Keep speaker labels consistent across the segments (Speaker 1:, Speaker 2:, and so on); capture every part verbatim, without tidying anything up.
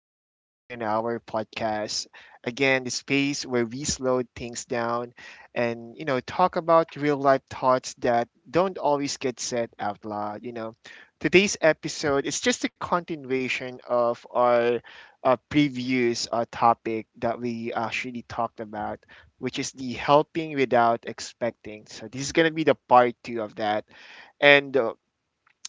Speaker 1: to Life in an Hour podcast. Again, the space where we slow things down and, you know, talk about real life thoughts that don't always get said out loud. You know, today's episode is just a continuation of our uh, previous uh, topic that we actually talked about, which is the helping without expecting. So, this is going to be the part two of that. And uh,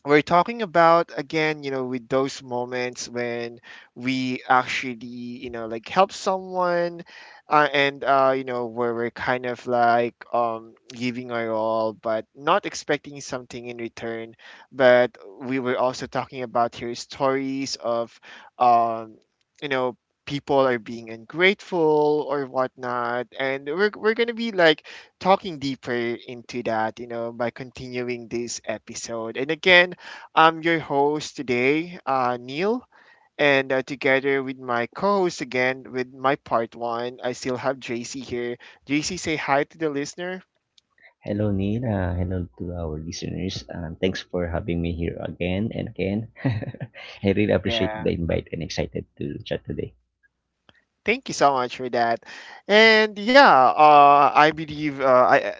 Speaker 1: We're talking about again, you know with those moments when we actually, you know like help someone uh, and uh, you know where we're kind of like, um, giving our all but not expecting something in return. But we were also talking about here stories of, um, you know people are being ungrateful or whatnot, and we're, we're gonna be like talking deeper into that, you know, by continuing this episode. And again, I'm your host today, uh, Neil. And uh, together with my co host again, with my part one, I still have J C here. J C, say hi to the listener.
Speaker 2: Hello, Nina. Hello to our listeners. Um, thanks for having me here again and again. I really appreciate
Speaker 1: Yeah.
Speaker 2: the invite and excited to chat today.
Speaker 1: Thank you so much for that. And yeah, uh, I believe uh, I, I-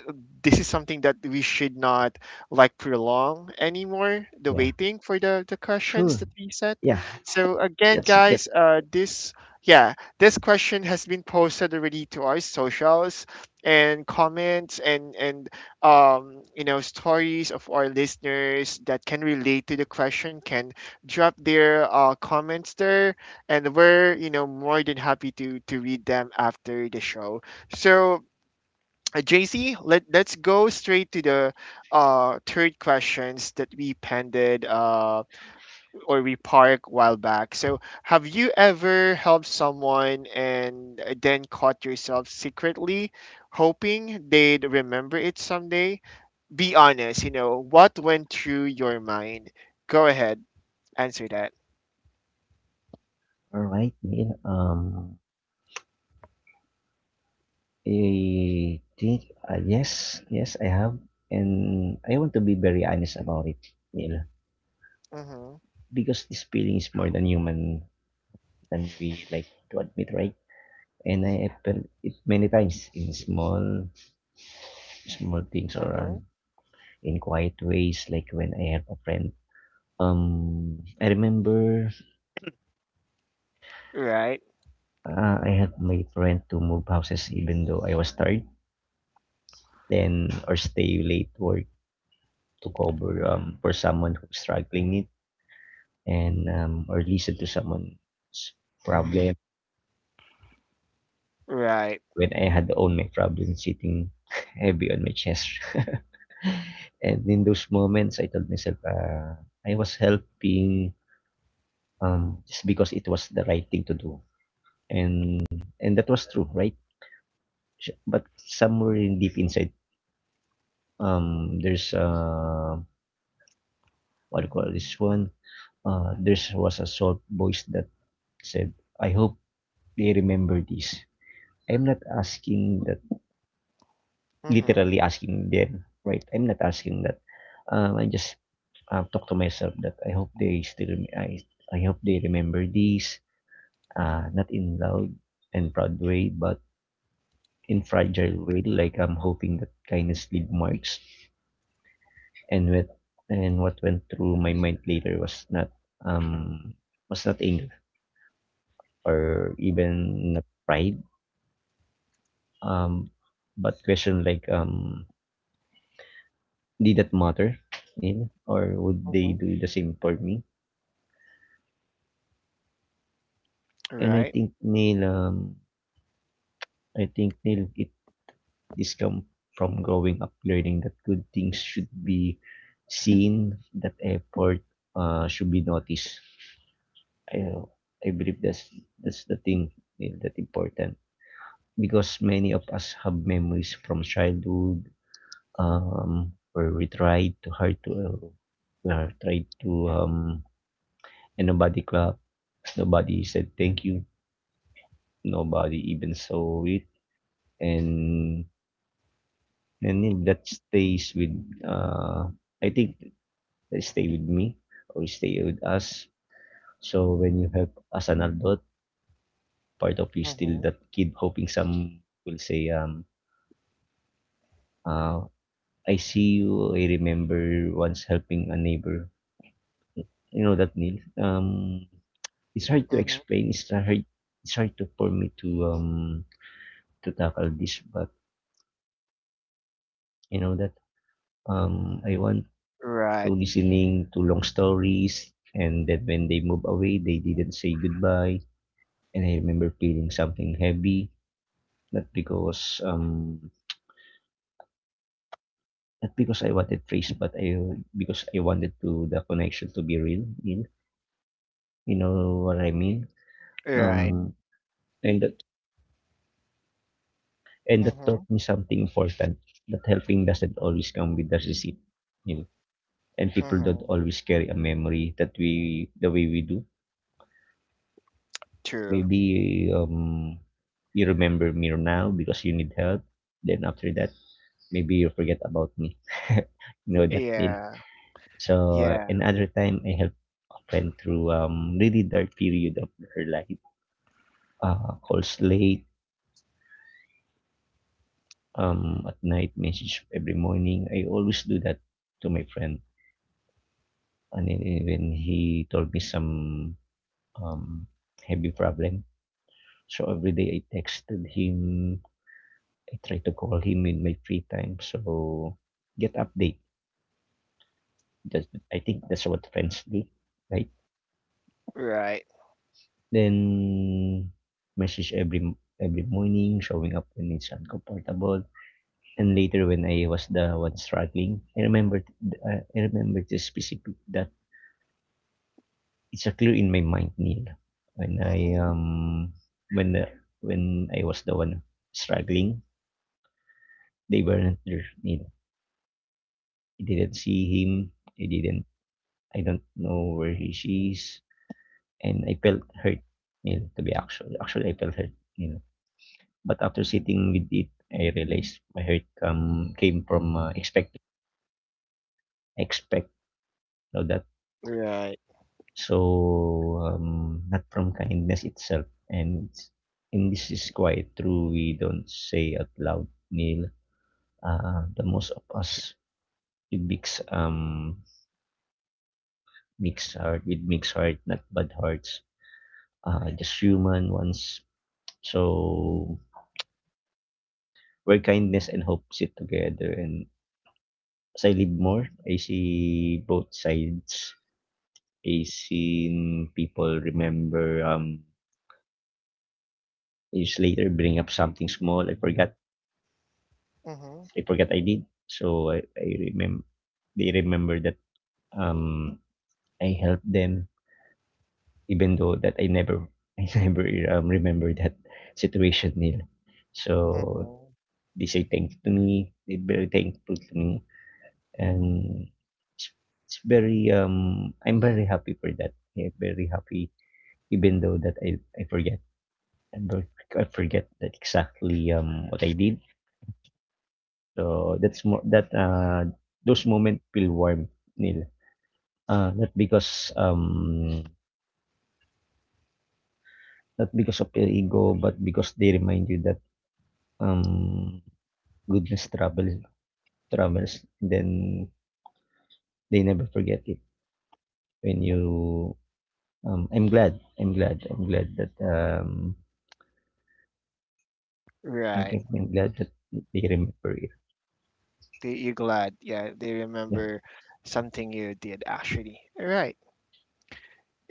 Speaker 1: this is something that we should not like prolong anymore, the
Speaker 2: Yeah,
Speaker 1: waiting for the, the questions
Speaker 2: sure.
Speaker 1: that we set.
Speaker 2: Yeah,
Speaker 1: So again,
Speaker 2: let's get
Speaker 1: guys, uh, this, yeah, this question has been posted already to our socials and comments, and, and um, you know, stories of our listeners that can relate to the question can drop their uh, comments there, and we're, you know, more than happy to to read them after the show. So uh, J C, let let's go straight to the uh third questions that we pended uh or we parked while back. So have you ever helped someone and then caught yourself secretly hoping they'd remember it someday? Be honest, you know what went through your mind. Go ahead, answer that.
Speaker 2: all right, Neil. Um, I think uh, yes, yes, I have, and I want to be very honest about it, Neil,
Speaker 1: Mm-hmm.
Speaker 2: because this feeling is more than human than we like to admit, right? And I felt it many times in small, small things or
Speaker 1: Mm-hmm.
Speaker 2: in quiet ways, like when I have a friend. Um, I remember
Speaker 1: Right.
Speaker 2: uh, I helped my friend to move houses even though I was tired, then or stay late work to cover um, for someone who's struggling it and um, or listen to someone's problem
Speaker 1: Right.
Speaker 2: when I had own my problem sitting heavy on my chest. And in those moments, I told myself uh, I was helping um, just because it was the right thing to do, and and that was true, right? Sh But somewhere in deep inside, um, there's uh, what do you call this one? Uh, there was a soft voice that said, "I hope they remember this." I'm not asking that,
Speaker 1: Mm-hmm.
Speaker 2: literally asking them, right? I'm not asking that. Um, I just uh, talk to myself that I hope they still, rem- I, I hope they remember this. Uh, not in loud and proud way, but in fragile way. Like I'm hoping that kindness leave marks and with and what went through my mind later was not um was not anger or even not pride, um but question like, um did that matter, Neil, or would they
Speaker 1: Mhm.
Speaker 2: do the same for me? And I
Speaker 1: Right?
Speaker 2: think Neil um I think, Neil, it this come from growing up learning that good things should be seen, that effort uh should be noticed. I I believe that's that's the thing, Neil, that important, because many of us have memories from childhood, um, where we tried to hard to uh, uh, tried to um, and nobody clapped, nobody said thank you, nobody even saw it, and and then that stays with, uh, I think that stay with me or stay with us. So when you help as an adult, part of you still
Speaker 1: Mhm.
Speaker 2: that kid hoping some will say, um uh I see you. I remember once helping a neighbor. You know that, Neil. Um, it's hard to
Speaker 1: Mhm.
Speaker 2: explain. It's hard. It's hard to, for me to um to tackle this. But you know that um I want to
Speaker 1: Right.
Speaker 2: listening to long stories, and that when they move away, they didn't say goodbye. And I remember feeling something heavy, not because um not because I wanted praise, but I because I wanted to the connection to be real, Neil. You know what I mean?
Speaker 1: Right.
Speaker 2: Um, and that. And that taught
Speaker 1: Mhm.
Speaker 2: me something important, that helping doesn't always come with a receipt, you know, and people don't
Speaker 1: Mhm.
Speaker 2: always carry a memory that we the way we do.
Speaker 1: True.
Speaker 2: Maybe, um you remember me now because you need help, then after that maybe you forget about me. You know that deal.
Speaker 1: Yeah.
Speaker 2: So
Speaker 1: Yeah.
Speaker 2: another time I helped a friend through um really dark period of her life. Uh, calls late um at night, message every morning, I always do that to my friend. And then even he told me some um, heavy problem. So every day I texted him. I try to call him in my free time. So get update. That's, I think that's what friends do, right?
Speaker 1: Right.
Speaker 2: Then message every every morning, showing up when it's uncomfortable. And later when I was the one struggling, I remember I remember this specific that it's a clear in my mind, Neil. When I
Speaker 1: Mhm.
Speaker 2: um when the, when I was the one struggling, they weren't there, Neil. I didn't see him. I didn't. I don't know where he she is, and I felt hurt, Neil. To be actual, actually, I felt hurt, Neil. But after sitting with it, I realized my hurt um came from uh, expect expect so that.
Speaker 1: Right.
Speaker 2: So, um, not from kindness itself. And, it's- and this is quite true. We don't say out loud, Neil. Uh, the most of us with mix, um, mixed heart, with mixed heart, not bad hearts. Uh, just human ones. So, where kindness and hope sit together. And as I live more, I see both sides. I seen people remember, um, years later bring up something small. I forgot
Speaker 1: Mhm.
Speaker 2: I forgot I did. So I, I remember they remember that um I helped them, even though that I never I never um, remember that situation, nila. So
Speaker 1: Mhm.
Speaker 2: they say thank you to me. They're very thankful to me, and it's, it's very um I'm very happy for that. I'm very happy even though that I, I forget. I ver- I forget that exactly um what I did. So that's more that uh those moments feel warm, nila. Uh, not because um Not because of your ego, but because they remind you that, um goodness travels travels. Then they never forget it. When you um, I'm glad, I'm glad, I'm glad that um I
Speaker 1: Right.
Speaker 2: can, I'm glad that they remember it.
Speaker 1: They, you're glad. Yeah, they
Speaker 2: Yeah.
Speaker 1: remember something you did actually. Right.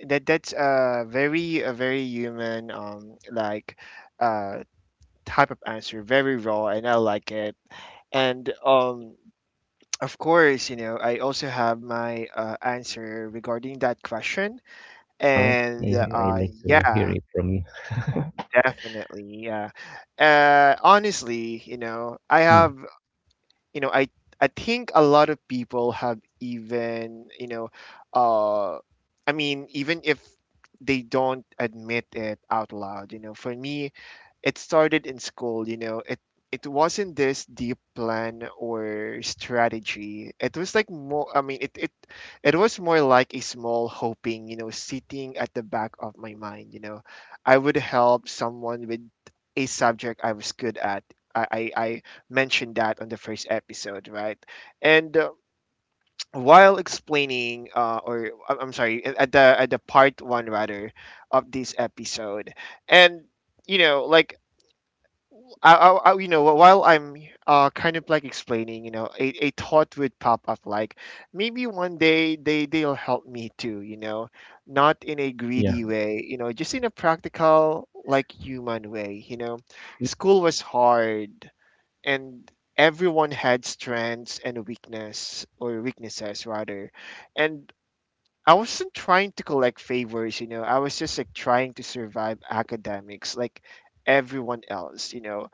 Speaker 1: That that's a very a very human um like uh type of answer, very raw and I like it. And um Of course, you know, I also have my uh, answer regarding that question.
Speaker 2: All right.
Speaker 1: And
Speaker 2: Yeah, I
Speaker 1: uh,
Speaker 2: like to hear
Speaker 1: Yeah,
Speaker 2: it from you.
Speaker 1: definitely. Yeah. Uh, honestly, you know, I
Speaker 2: Hmm.
Speaker 1: have, you know i i think a lot of people have, even you know uh I mean, even if they don't admit it out loud. You know, for me, it started in school. You know it it wasn't this deep plan or strategy. It was like more, i mean it it it was more like a small hoping, you know, sitting at the back of my mind, you know. I would help someone with a subject I was good at. i i, I mentioned that on the first episode, right? And uh, while explaining, uh, or I'm I'm sorry, at at the at the part one rather of this episode, and, you know, like, I, I, I- you know, while I'm uh, kind of like explaining, you know, a, a thought would pop up like maybe one day they they'll help me too, you know, not in a
Speaker 2: Yeah.
Speaker 1: greedy way, you know, just in a practical, like, human way, you know. School was hard, and everyone had strengths and weakness or weaknesses rather, and I wasn't trying to collect favors, you know. I was just like trying to survive academics like everyone else, you know.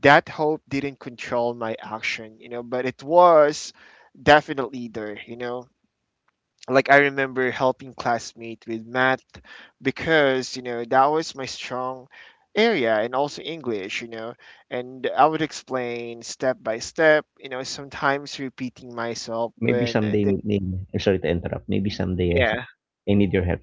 Speaker 1: That hope didn't control my action, you know, but it was definitely there, you know. Like I remember helping classmate with math, because you know that was my strong area, and also English, you know. And I would explain step by step, you know, sometimes repeating myself
Speaker 2: Maybe
Speaker 1: when I
Speaker 2: someday,
Speaker 1: think
Speaker 2: maybe, I'm sorry to interrupt. Maybe someday
Speaker 1: yeah.
Speaker 2: I need your help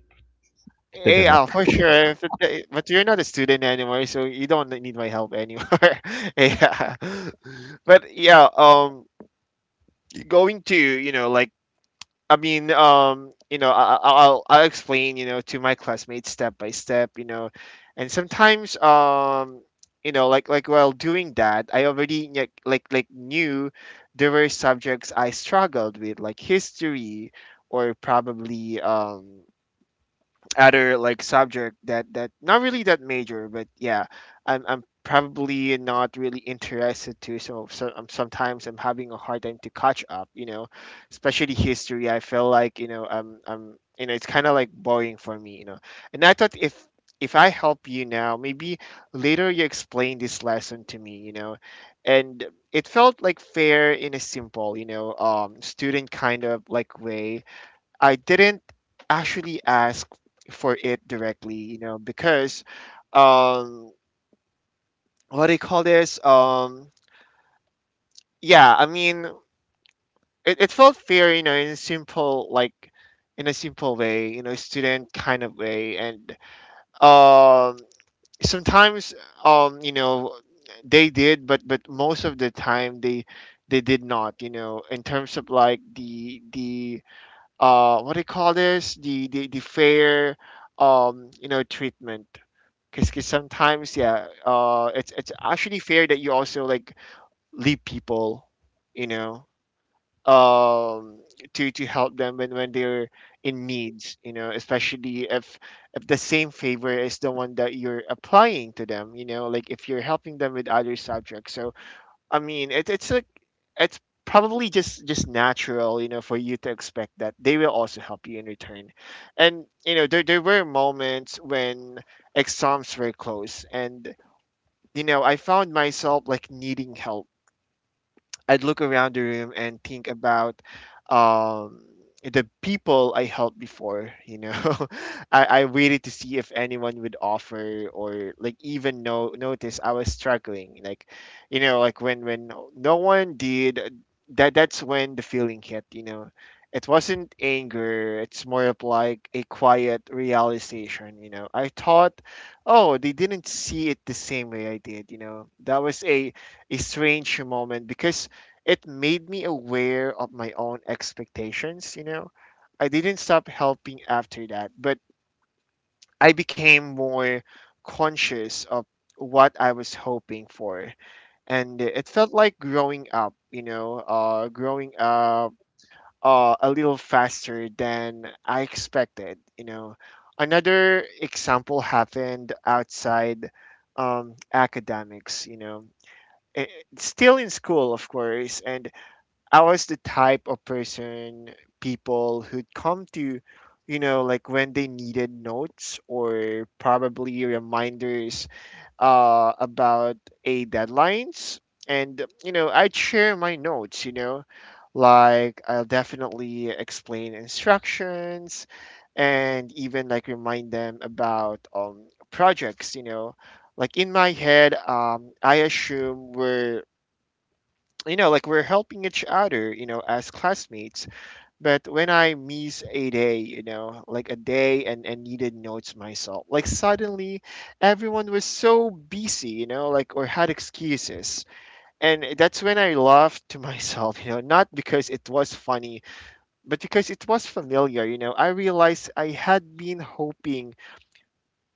Speaker 2: to the
Speaker 1: Yeah,
Speaker 2: next.
Speaker 1: for sure. If it- eh, But you're not a student anymore, so you don't need my help anymore. Yeah. But yeah, um going to, you know, like, I mean, um, you know, I, I- I'll I'll explain, you know, to my classmates step by step, you know, and sometimes, um, you know, like, like while doing that, I already, like like like knew there were subjects I struggled with, like history or probably, um other like subject that that not really that major, but yeah, I'm I'm probably not really interested to. So, so um, sometimes I'm having a hard time to catch up. You know, especially history. I feel like, you know um um you know, it's kind of like boring for me. You know, and I thought, if if I help you now, maybe later you explain this lesson to me. You know, and it felt like fair in a simple, you know, um, student kind of like way. I didn't actually ask for it directly, you know, because, um what do you call this? Um yeah, I mean, it, it felt fair, you know, in a simple like, in a simple way, you know, student kind of way. And um sometimes, um you know they did, but but most of the time they they did not, you know, in terms of like the the uh what do you call this, the the, the fair, um you know treatment. Because sometimes, yeah, uh it's it's actually fair that you also like leave people, you know, um to to help them when when they're in needs, you know, especially if if the same favor is the one that you're applying to them, you know. Like if you're helping them with other subjects, so I mean, it, it's a, it's probably just just natural, you know, for you to expect that they will also help you in return. And you know, there there were moments when exams were close, and you know, I found myself like needing help. I'd look around the room and think about, um, the people I helped before. You know, I, I waited to see if anyone would offer, or like even no notice I was struggling. Like, you know, like when, when no one did that. That's when the feeling hit. You know, it wasn't anger. It's more of like a quiet realization. You know, I thought, oh, they didn't see it the same way I did. You know, that was a, a strange moment, because it made me aware of my own expectations, you know. I didn't stop helping after that, but I became more conscious of what I was hoping for. And it felt like growing up, you know, uh growing up uh, a little faster than I expected, you know. Another example happened outside, um academics, you know. Eh, still in school of course. And I was the type of person people who'd come to, you know, like when they needed notes or probably reminders uh, about, a deadlines. And, you know, I'd share my notes, you know, like I'll definitely explain instructions, and even like remind them about, um, projects, you know. Like in my head, um, I assume we're, you know, like, we're helping each other, you know, as classmates. But when I miss a day, you know, like a day, and, and needed notes myself, like suddenly everyone was so busy, you know, like, or had excuses. And that's when I laughed to myself, you know, not because it was funny, but because it was familiar, you know. I realized I had been hoping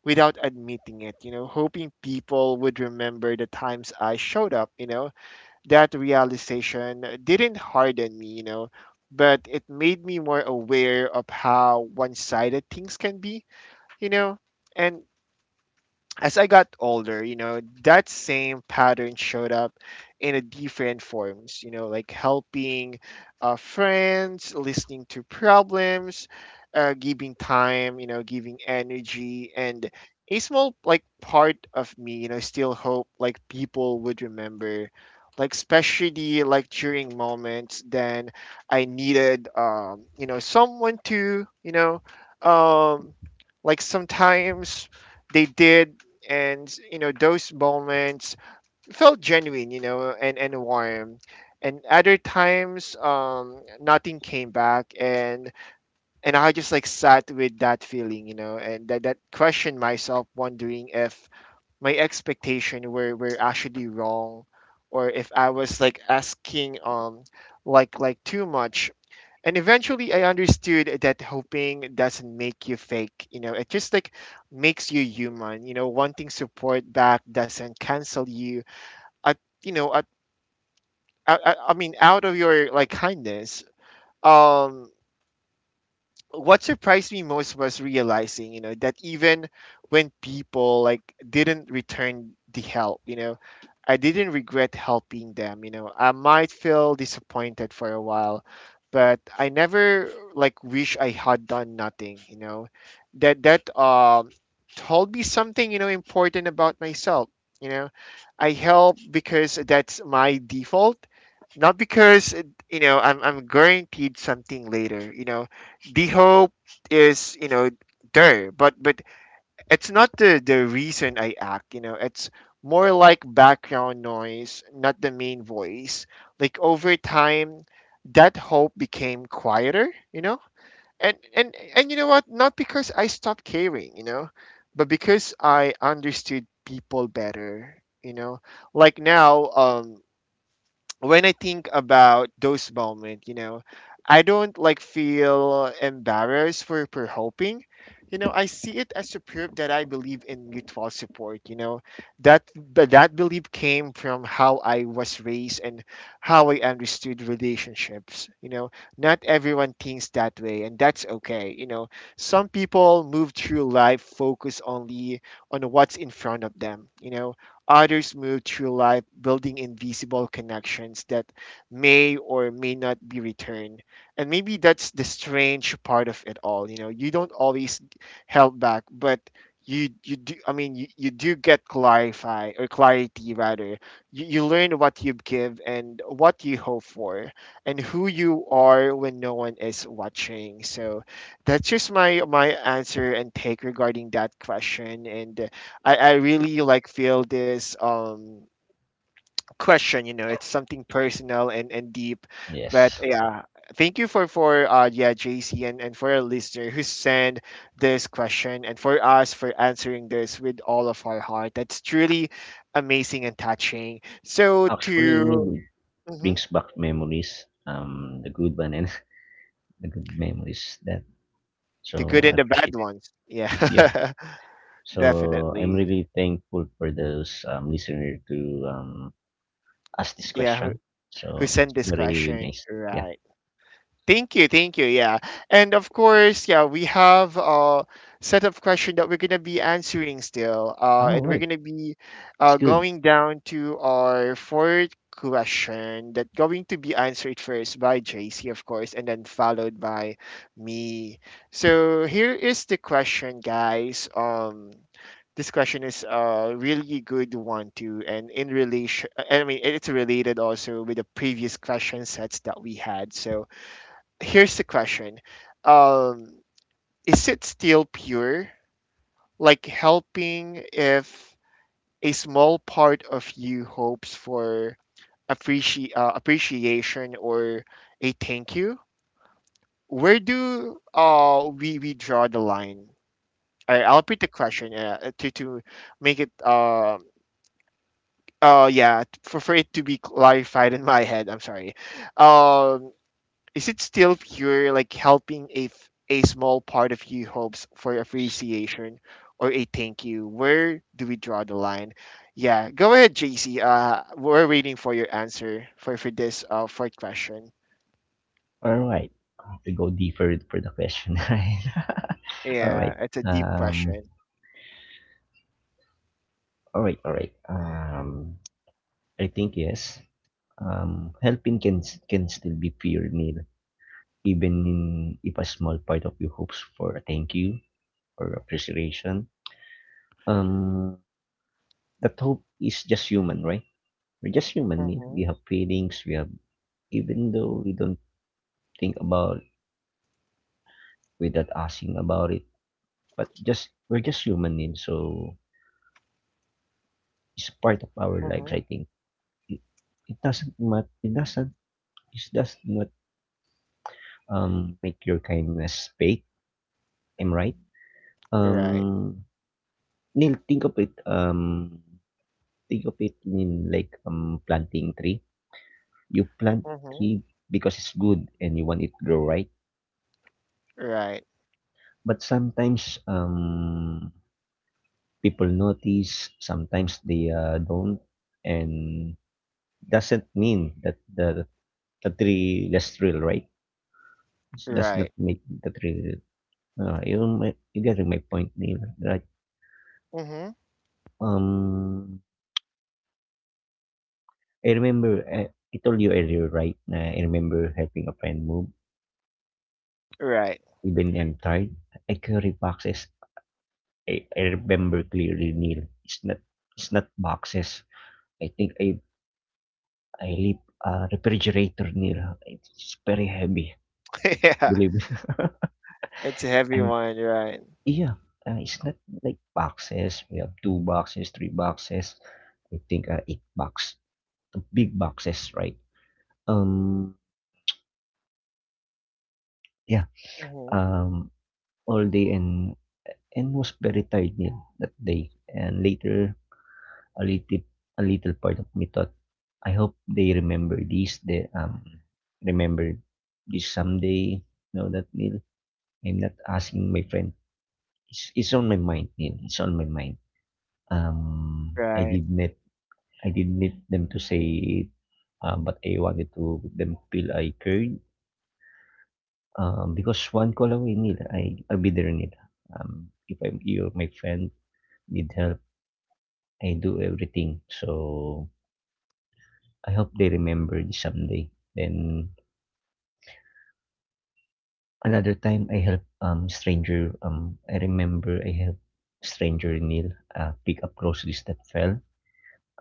Speaker 1: without admitting it, you know, hoping people would remember the times I showed up, you know. That realization didn't harden me, you know, but it made me more aware of how one sided things can be, you know. And as I got older, you know, that same pattern showed up in a different forms, you know, like helping uh, friends, listening to problems, uh, giving time, you know, giving energy. And a small like part of me, you know, still hope like people would remember, like especially like during moments then I needed, um, you know, someone to, you know, um, like, sometimes they did. And you know those moments felt genuine, you know, and and warm. And other times, um nothing came back. And and I just like sat with that feeling, you know. And that that questioned myself, wondering if my expectation were were actually wrong, or if I was like asking, um like like too much. And eventually I understood that hoping doesn't make you fake, you know. It just like makes you human, you know. Wanting support back doesn't cancel you at, you know at, I, I I mean, out of your like kindness. um what surprised me most was realizing, you know, that even when people like didn't return the help, you know, I didn't regret helping them, you know. I might feel disappointed for a while, but I never like wish I had done nothing, you know. That that um told me something, you know, important about myself, you know. I help because that's my default, not because uh, you know I'm I'm guaranteed something later, you know the hope is you know there but but it's not the the reason I act, you know, it's more like background noise, not the main voice. Like over time that hope became quieter, you know, and and and you know what, not because I stopped caring, you know, but because I understood people better, you know. Like now um when I think about those moments, you know, I don't like feel embarrassed for for hoping. You know, I see it as a proof that I believe in mutual support. You know, that but that belief came from how I was raised and how I understood relationships. You know, not everyone thinks that way, and that's okay. You know, some people move through life focused only on what's in front of them. You know, others move through life building invisible connections that may or may not be returned. And maybe that's the strange part of it all. You know, you don't always held back, but you you do I mean you, you do get clarify, or clarity rather. You, you learn what you give and what you hope for and who you are when no one is watching. So that's just my my answer and take regarding that question. And I, I really like feel this um question, you know, it's something personal and and deep. But
Speaker 2: Yes.
Speaker 1: yeah, thank you for for uh yeah, JC, and and for our listener who sent this question, and for us for answering this with all of our heart. That's truly amazing and touching, so
Speaker 2: Actually,
Speaker 1: to
Speaker 2: Nili
Speaker 1: mhm,
Speaker 2: brings back memories, um, the good one and the good memories that.
Speaker 1: the good
Speaker 2: So I
Speaker 1: and the bad
Speaker 2: appreciate it.
Speaker 1: ones,
Speaker 2: Yeah.
Speaker 1: yeah.
Speaker 2: So I'm
Speaker 1: Definitely.
Speaker 2: really thankful for those um, listener to um, ask this
Speaker 1: Yeah, who,
Speaker 2: question.
Speaker 1: who
Speaker 2: So it's
Speaker 1: sent this
Speaker 2: very
Speaker 1: question,
Speaker 2: nice. Yeah.
Speaker 1: right? Thank you, thank you. Yeah. And of course, yeah, we have a set of questions that we're going to be answering still. Uh,
Speaker 2: Oh,
Speaker 1: and we're
Speaker 2: wait.
Speaker 1: going to be
Speaker 2: It's
Speaker 1: uh,
Speaker 2: good.
Speaker 1: going down to our fourth question that going to be answered first by J C, of course, and then followed by me. So here is the question, guys. Um, this question is a really good one too, and in relation, I mean, it's related also with the previous question sets that we had. So here's the question. um, Is it still pure? Like helping if a small part of you hopes for appreci- uh, appreciation or a thank you? Where do uh, we, we draw the line? I, I'll repeat the question uh, to, to make it. Uh, uh, yeah, t- for, for it to be clarified in my head, I'm sorry. Um, Is it still pure, like helping a f- a small part of you hopes for appreciation or a thank you? Where do we draw the line? Yeah, go ahead, J C. Uh, we're waiting for your answer for for this uh fourth question.
Speaker 2: All right. I have to go deeper for the question. Right. All
Speaker 1: Yeah,
Speaker 2: right.
Speaker 1: it's a deep
Speaker 2: Um.
Speaker 1: question.
Speaker 2: All right. All right. Um. I think yes. Um, helping can s- can still be pure need, even in, if a small part of you hopes for a thank you or appreciation. Um, that hope is just human, right? We're just human. Need. We
Speaker 1: Mm-hmm.
Speaker 2: have feelings. We have, even though we don't think about without asking about it, but just we're just human. Need. So it's part of our lives.
Speaker 1: Mm-hmm.
Speaker 2: I think it, it doesn't matter. It doesn't. It does not um make your kindness fake. I'm right.
Speaker 1: Right.
Speaker 2: Um, Neil, think of it, um, think of it in like um planting tree. You plant
Speaker 1: Mm-hmm.
Speaker 2: tree because it's good and you want it to grow, right?
Speaker 1: Right.
Speaker 2: But sometimes um people notice, sometimes they uh, don't, and doesn't mean that the the tree less real, right? It does
Speaker 1: Right.
Speaker 2: not make the tree real. Uh, you mi- you getting my point, Neil, right?
Speaker 1: Mm-hmm.
Speaker 2: Um, I remember I, I told you earlier, right? Na I remember helping a friend move,
Speaker 1: Right.
Speaker 2: even I'm tired, I carry boxes. I, I remember clearly, Neil. It's not it's not boxes. I think I I leave a refrigerator, Neil. It's very heavy.
Speaker 1: Yeah,
Speaker 2: Believe me.
Speaker 1: it's a heavy
Speaker 2: I'm
Speaker 1: one. Right.
Speaker 2: yeah. Uh, it's not like boxes. We have two boxes, three boxes. I think uh, eight box, big boxes, right? Um, yeah.
Speaker 1: Mm-hmm.
Speaker 2: Um, all day, and and was very tired, Neil, that day. And later a little a little part of me thought, I hope they remember this. They um Remember this someday. Know that, Neil. I'm not asking my friend. It's, it's on my mind, Neil. It's on my mind. Um, I
Speaker 1: Right.
Speaker 2: did not I didn't need them to say it, um, but I wanted to them feel I cared. Um, because one call away, Neil, I I'll be there, Neil. Um, if I'm you're my friend, need help, I do everything. So I hope they remember this someday. Then another time I helped um stranger um I remember I helped stranger, Neil, uh, pick up groceries that fell.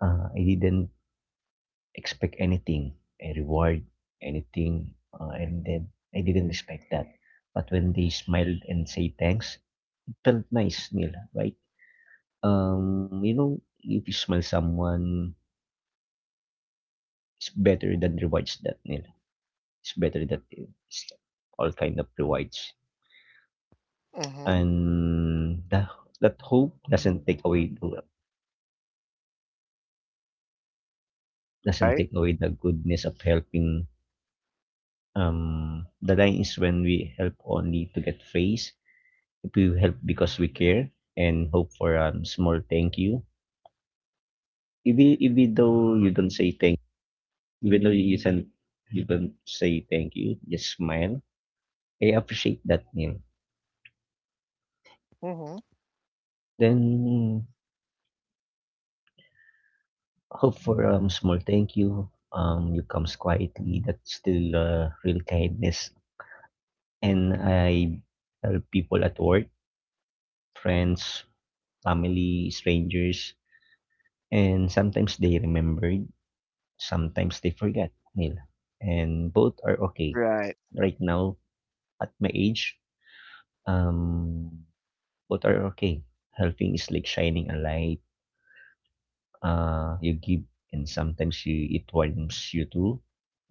Speaker 2: Uh, I didn't expect anything, a reward, anything. Uh, and then I didn't expect that. But when they smiled and say thanks, it felt nice, Neil, right? Um, you know, if you smile someone, it's better than rewards that, Neil. It's better that it's all kind of rewards.
Speaker 1: Mm-hmm.
Speaker 2: And the that hope doesn't take away the doesn't
Speaker 1: Right.
Speaker 2: take away the goodness of helping. Um, the line is when we help only to get praise. If we help because we care and hope for a small thank you, even even though you don't say thank, even though you send, you don't say thank you, just smile. I appreciate that, Neil.
Speaker 1: Mm-hmm.
Speaker 2: Then hope for a small thank you. Um, you comes quietly. That's still uh, real kindness. And I help people at work, friends, family, strangers, and sometimes they remembered, sometimes they forgot, nila. And both are okay.
Speaker 1: Right.
Speaker 2: Right now, at my age, um, both are okay. Helping is like shining a light. Uh, you give and sometimes you it warms you too.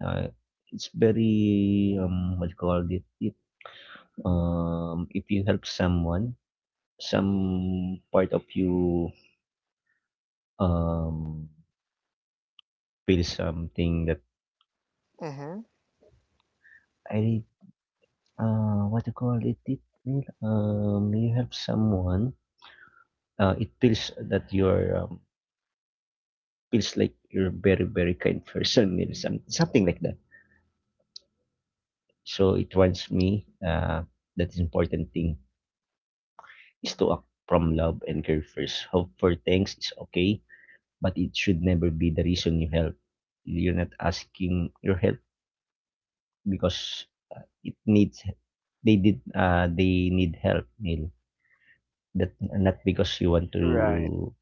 Speaker 2: Uh, it's very um what you call it it um if you help someone, some part of you um feel something that
Speaker 1: Mm-hmm.
Speaker 2: I uh, what do you call it? It will, um, you help someone. Uh, it feels that you're um, feels like you're a very very kind person, maybe some, something like that. So it reminds me uh, that is important thing is to act from love and care first. Hope for thanks is okay, but it should never be the reason you help. You're not asking your help because it needs they did uh, they need help, Neil. That not because you want
Speaker 1: Right.
Speaker 2: to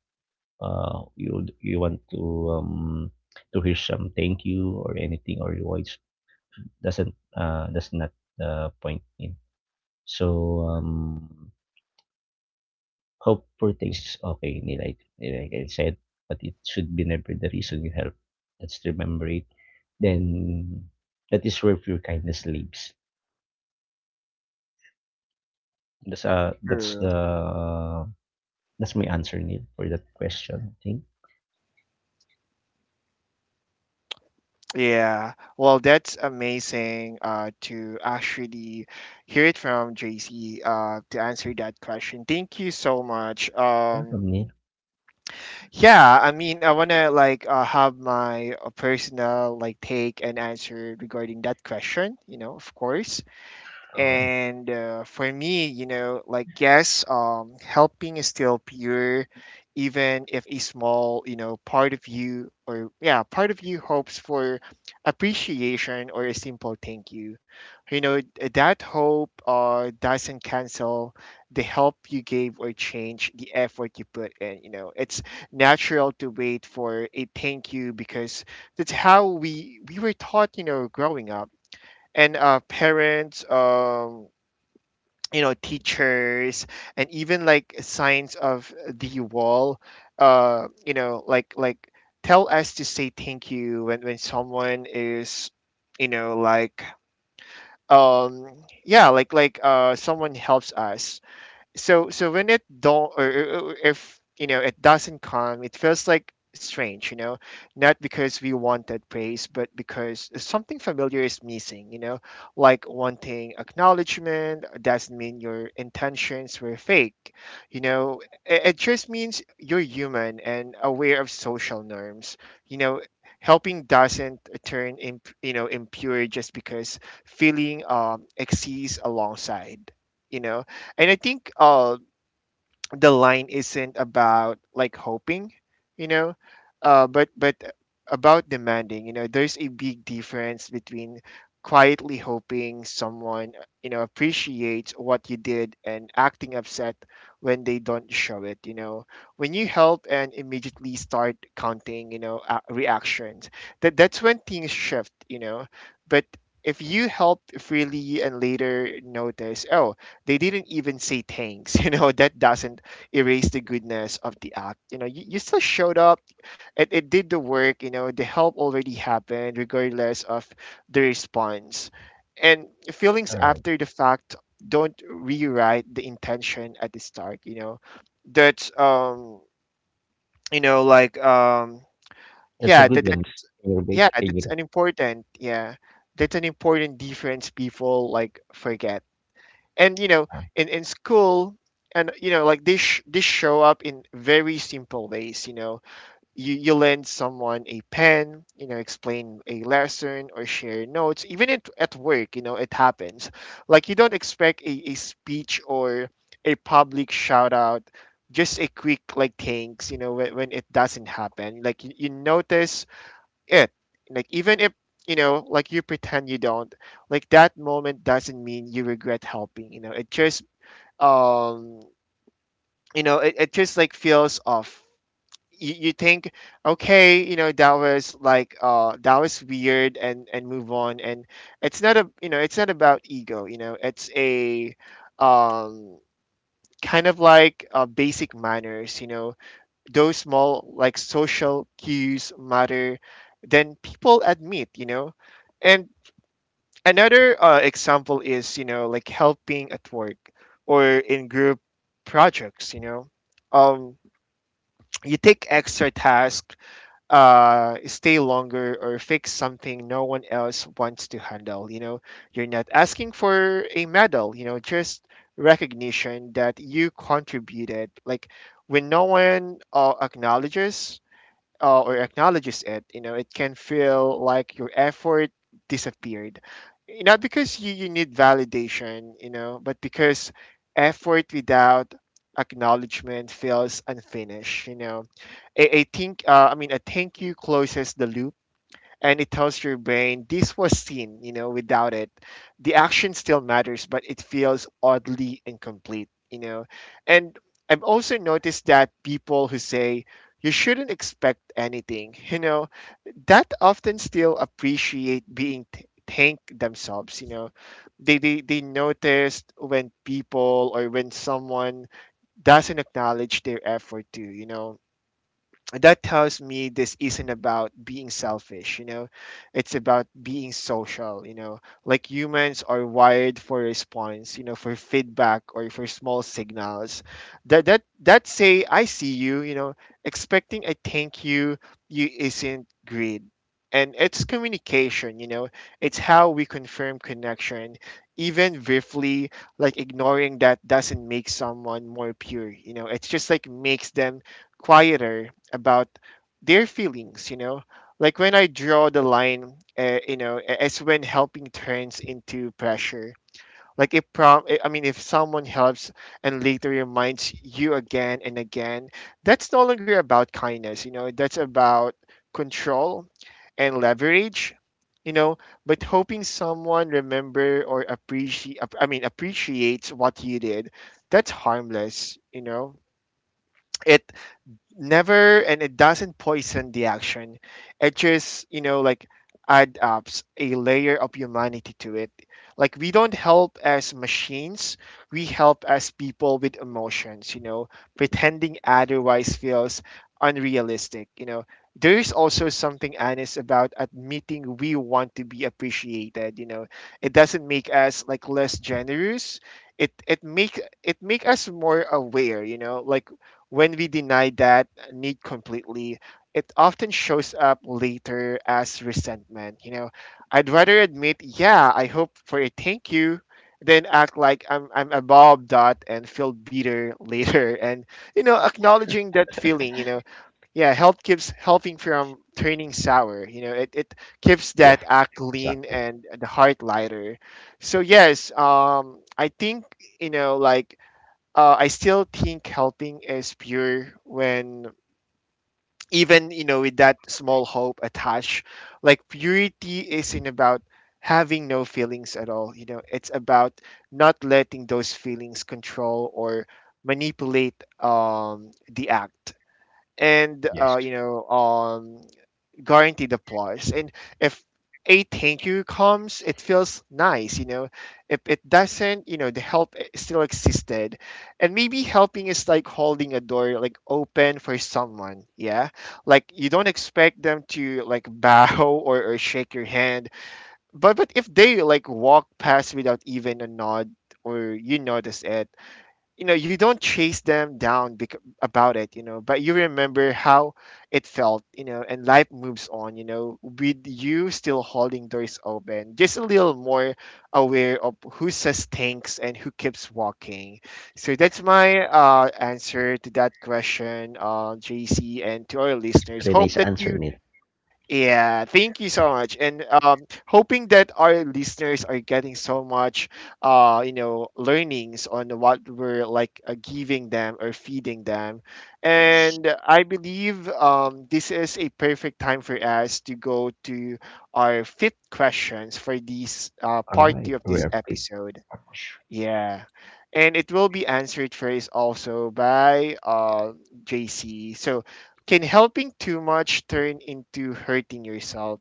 Speaker 2: uh, you you want to um, to hear some thank you or anything or rewards doesn't uh, does not uh, point in. So um, hope for things is okay. ni- Like like I said, but it should be never the reason you help. Let's remember it. Then that is where pure kindness lives. That's uh that's the
Speaker 1: True.
Speaker 2: that's my answer, Neil, for that question. I think.
Speaker 1: Yeah, well, that's amazing uh, to actually hear it from J C uh, to answer that question. Thank you so much. Um,
Speaker 2: Welcome, Neil.
Speaker 1: yeah, I mean, I wanna like uh, have my uh, personal like take and answer regarding that question, you know, of course.
Speaker 2: All right,
Speaker 1: And uh, for me, you know, like yes, um, helping is still pure, even if a small, you know, part of you, or yeah, part of you hopes for appreciation or a simple thank you. You know, that hope uh, doesn't cancel the help you gave or change the effort you put in. You know, it's natural to wait for a thank you because that's how we we were taught. You know, growing up, and uh, parents, um you know, teachers, and even like signs of the wall, uh you know, like like tell us to say thank you when when someone is, you know, like um yeah, like like uh someone helps us. So so when it don't, or, or or if, you know, it doesn't come, it feels like strange, you know, not because we want that praise, but because something familiar is missing, you know. Like wanting acknowledgement doesn't mean your intentions were fake, you know, it, it just means you're human and aware of social norms, you know. Helping doesn't turn imp, you know, impure just because feeling um exists alongside, you know. And I think uh, the line isn't about like hoping, you know, uh, but but about demanding. You know, there's a big difference between quietly hoping someone, you know, appreciates what you did and acting upset when they don't show it. You know, when you help and immediately start counting, you know, uh, reactions. That that's when things shift. You know, but if you help freely and later notice, oh, they didn't even say thanks, you know, that doesn't erase the goodness of the act. You know, you, you still showed up and it did the work, you know, the help already happened regardless of the response. And feelings
Speaker 2: all right.
Speaker 1: after the fact don't rewrite the intention at the start, you know. That's um you know, like um
Speaker 2: That's a
Speaker 1: yeah,
Speaker 2: good
Speaker 1: that,
Speaker 2: one.
Speaker 1: that's
Speaker 2: Can you, re-
Speaker 1: yeah,
Speaker 2: can you,
Speaker 1: that's
Speaker 2: re-
Speaker 1: an important, yeah. That's an important difference people like forget, and you know,
Speaker 2: uh,
Speaker 1: in in school, and you know, like this sh- this show up in very simple ways, you know. You you lend someone a pen, you know, explain a lesson or share notes, even at, at work, you know, it happens. Like you don't expect a, a speech or a public shout out, just a quick like thanks, you know. When, when it doesn't happen, like you, you notice it. Like even if, you know, like you pretend you don't, like that moment doesn't mean you regret helping. You know, it just um you know, it, it just like feels off. You, you think, okay, you know, that was like uh that was weird, and and move on. And it's not a, you know, it's not about ego, you know, it's a um kind of like uh, basic manners, you know. Those small like social cues matter, then people admit, you know. And another uh, example is, you know, like helping at work or in group projects, you know, um you take extra task, uh stay longer or fix something no one else wants to handle, you know. You're not asking for a medal, you know, just recognition that you contributed. Like when no one uh, acknowledges uh, or acknowledges it, you know, it can feel like your effort disappeared. Not because you, you need validation, you know, but because effort without acknowledgement feels unfinished, you know. I, I think, uh, I mean, I think you closes the loop, and it tells your brain this was seen, you know. Without it, the action still matters, but it feels oddly incomplete, you know. And I've also noticed that people who say you shouldn't expect anything, you know, that often still appreciate being th- thanked themselves, you know. They, they they noticed when people, or when someone doesn't acknowledge their effort too, you know, that tells me this isn't about being selfish, you know, it's about being social, you know. Like humans are wired for response, you know, for feedback or for small signals that that that say, I see you, you know. Expecting a thank you you isn't greed, and it's communication, you know. It's how we confirm connection, even briefly. Like ignoring that doesn't make someone more pure, you know, it's just like makes them quieter about their feelings, you know. Like when I draw the line, uh, you know, a- as when helping turns into pressure. Like if prom I I mean, if someone helps and later reminds you again and again, that's no longer about kindness, you know, that's about control and leverage, you know. But hoping someone remember or appreciate i mean appreciates what you did, that's harmless, you know. It never and it doesn't poison the action, it just, you know, like add up a layer of humanity to it. Like we don't help as machines, we help as people with emotions, you know. Pretending otherwise feels unrealistic, you know. There is also something honest about admitting we want to be appreciated, you know. It doesn't make us like less generous, it it make it make us more aware, you know. Like when we deny that need completely, it often shows up later as resentment. You know, I'd rather admit, yeah, I hope for a thank you, than act like I'm I'm above that and feel bitter later. And, you know, acknowledging that feeling, you know, yeah, health keeps helping from turning sour. You know, it, it keeps
Speaker 2: yeah.
Speaker 1: that act lean
Speaker 2: Exactly.
Speaker 1: and the heart lighter. So yes, um, I think you know, like uh, I still think helping is pure, when even you know with that small hope attached. Like purity isn't about having no feelings at all, you know it's about not letting those feelings control or manipulate um the act, and uh
Speaker 2: Yes.
Speaker 1: you know um guaranteed applause. And if a thank you comes, it feels nice, you know. If it doesn't, you know, the help i- still existed. And maybe helping is like holding a door like open for someone, yeah? Like you don't expect them to like bow or, or shake your hand. But but if they like walk past without even a nod or you notice it, you know you don't chase them down bec- about it you know but you remember how it felt you know and life moves on you know with you still holding doors open, just a little more aware of who says thanks and who keeps walking. So that's my uh, answer to that question, uh, JC, and to our listeners,
Speaker 2: Very
Speaker 1: hope
Speaker 2: nice
Speaker 1: that
Speaker 2: answer,
Speaker 1: you.
Speaker 2: Neil.
Speaker 1: Yeah, thank you so much, and um, hoping that our listeners are getting so much, uh, you know, learnings on what we're like uh, giving them or feeding them.
Speaker 2: Yes.
Speaker 1: And I believe um, this is a perfect time for us to go to our fifth questions for this uh,
Speaker 2: All
Speaker 1: part
Speaker 2: right,
Speaker 1: two of
Speaker 2: we
Speaker 1: this
Speaker 2: are.
Speaker 1: episode. Yeah. And it will be answered first also by uh, J C. So, can helping too much turn into hurting yourself?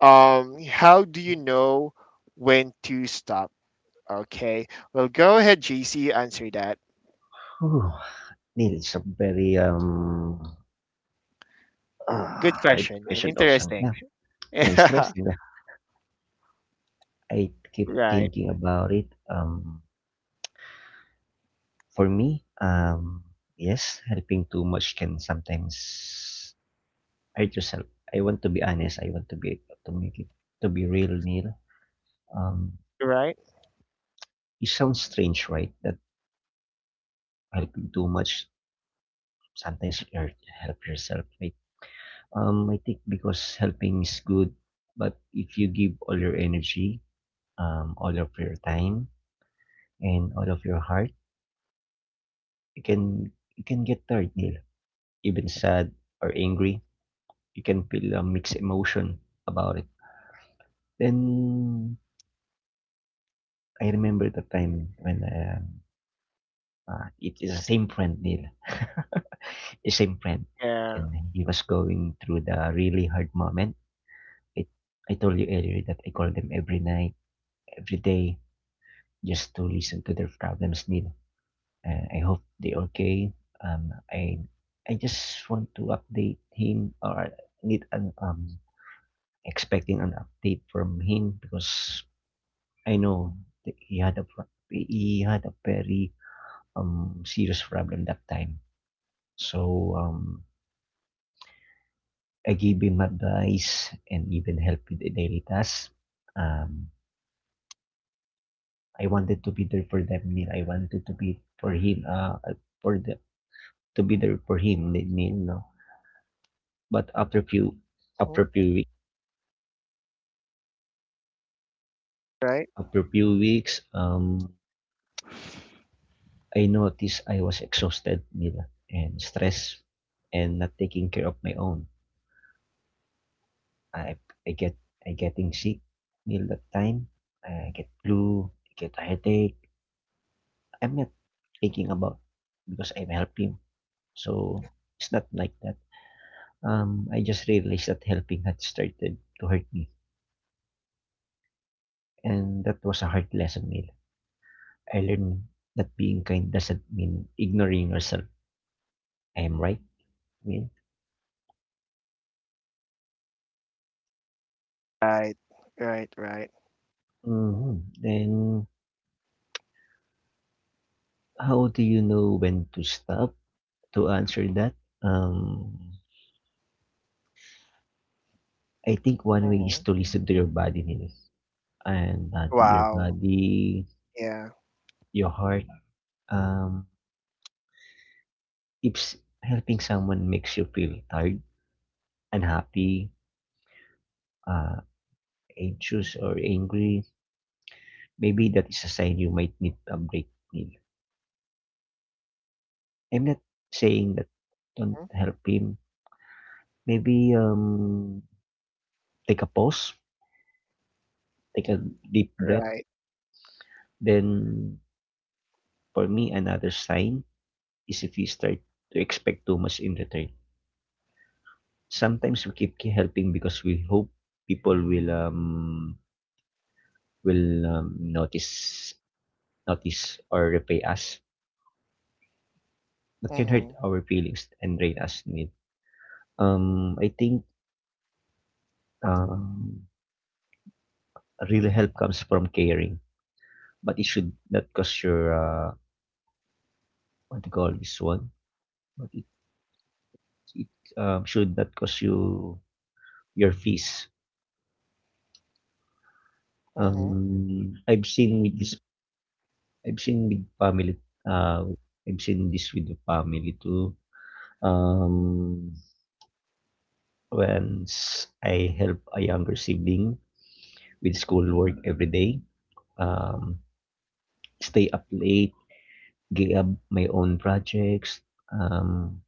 Speaker 1: Um, how do you know when to stop? Okay. Well, go ahead, J C, answer that.
Speaker 2: Whew. Neil, it's a very um uh,
Speaker 1: Good
Speaker 2: hard
Speaker 1: question and
Speaker 2: question also.
Speaker 1: interesting.
Speaker 2: Yeah, yeah, it's
Speaker 1: Yeah.
Speaker 2: interesting. Yeah. I keep
Speaker 1: Right.
Speaker 2: thinking about it. Um, for me, um, yes, helping too much can sometimes hurt yourself. I want to be honest. I want to be to make it to be real, Neil. Um,
Speaker 1: Right.
Speaker 2: it sounds strange, right? That helping too much sometimes hurt help yourself, right? Um, I think because helping is good, but if you give all your energy, um, all of your time, and all of your heart, you can you can get tired, Neil. Even sad or angry, you can feel a mixed emotion about it. Then I remember the time when, um, uh, it is the same friend, Neil, the same friend,
Speaker 1: Yeah.
Speaker 2: and he was going through the really hard moment. I I told you earlier that I call them every night, every day, just to listen to their problems din. Uh, I hope they are okay. Um, I I just want to update him or need an um expecting an update from him because I know that he had a pro- he had a very um serious problem that time. So um I gave him advice and even help with the daily tasks. Um, I wanted to be there for them, Neil. I wanted to be for him. Uh, for the To be there for him. Need you know. But after few
Speaker 1: Mhm.
Speaker 2: after few week,
Speaker 1: Right.
Speaker 2: after few weeks, um, I noticed I was exhausted, Nila, and stressed, and not taking care of my own. I I get I getting sick, Nila. That time I get flu, I get a headache. I'm not thinking about because I'm helping. So it's not like that. Um, I just realized that helping had started to hurt me, and that was a hard lesson, Nila. I learned that being kind doesn't mean ignoring yourself. I am right. I mean,
Speaker 1: Right. Right. Right.
Speaker 2: hmm then how do you know when to stop? To answer that, um, I think one way is
Speaker 1: Hmm.
Speaker 2: to listen to your body, Nino. and body, your
Speaker 1: Wow.
Speaker 2: body,
Speaker 1: Yeah.
Speaker 2: your heart. Um, if s- Helping someone makes you feel tired, unhappy, uh, anxious, or angry, maybe that is a sign you might need a break, Nino. I'm not saying that don't
Speaker 1: Mhm.
Speaker 2: help him. Maybe, um, take a pause, take a deep breath.
Speaker 1: Right.
Speaker 2: Then, for me, another sign is if you start to expect too much in return. Sometimes we keep ke- helping because we hope people will um will um, notice notice or repay us. That can hurt
Speaker 1: Mm-hmm.
Speaker 2: our feelings and drain us, Need. Um, I think um real help comes from caring, but it should not cause your uh what to call this one. But it um, should not cost you your fees.
Speaker 1: Mm-hmm.
Speaker 2: Um, I've seen with this, I've seen with family, uh, I've seen this with the family too. Um, Once I help a younger sibling with schoolwork every day, um, stay up late, gave up my own projects. Um,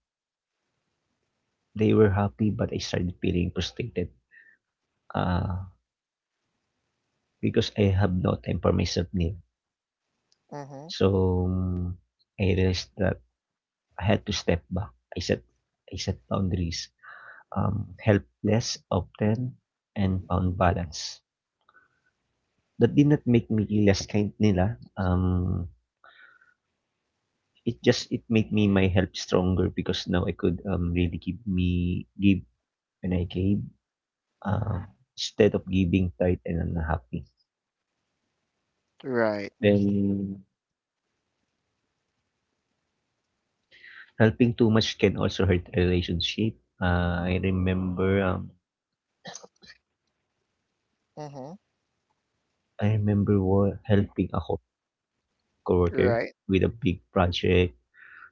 Speaker 2: they were happy, but I started feeling frustrated, uh, because I have no time for myself now.
Speaker 1: Hmm.
Speaker 2: So I realized that I had to step back. I set I set boundaries. Um, helpless, often, and found balance. That did not make me less kind, nila. Um, it just it made me my help stronger because now I could um really give me give when I gave, uh, instead of giving tight and unhappy.
Speaker 1: Right.
Speaker 2: Then helping too much can also hurt relationship. Uh, I remember um
Speaker 1: Mhm.
Speaker 2: I remember wa- helping a co- coworker
Speaker 1: Right.
Speaker 2: with a big project,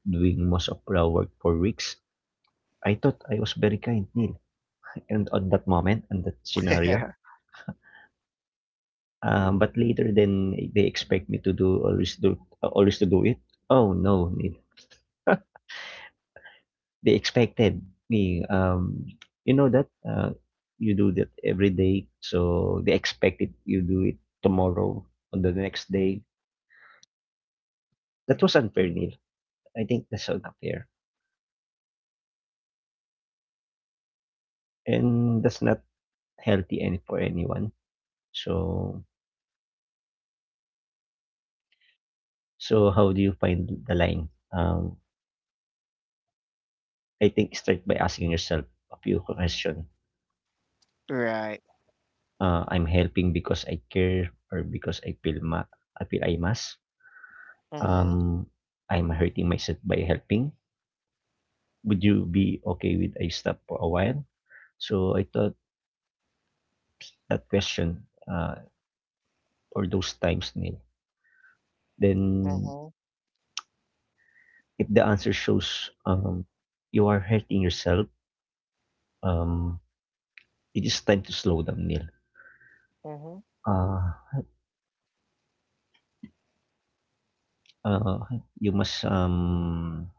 Speaker 2: doing most of the work for weeks. I thought I was very kind, Neil, and on that moment, on that scenario.
Speaker 1: Yeah.
Speaker 2: Um, but later, then they expect me to do always do always to do it. Oh no, Neil. They expected me. Um, you know that, uh, you do that every day, so they expect it. You do it tomorrow on the next day. That was unfair, Neil. I think that's unfair, and that's not healthy any for anyone. So So how do you find the line? Um, I think, start by asking yourself a few questions.
Speaker 1: Right.
Speaker 2: Uh, I'm helping because I care or because I feel ma- I feel I must.
Speaker 1: Mhm.
Speaker 2: Um, I'm hurting myself by helping. Would you be okay with I stop for a while? So I thought that question, uh, for those times, Neil. Then
Speaker 1: Mhm.
Speaker 2: if the answer shows, um, you are hurting yourself, um, it is time to slow down, Neil.
Speaker 1: Mhm.
Speaker 2: Uh, Oo, yung mas, um,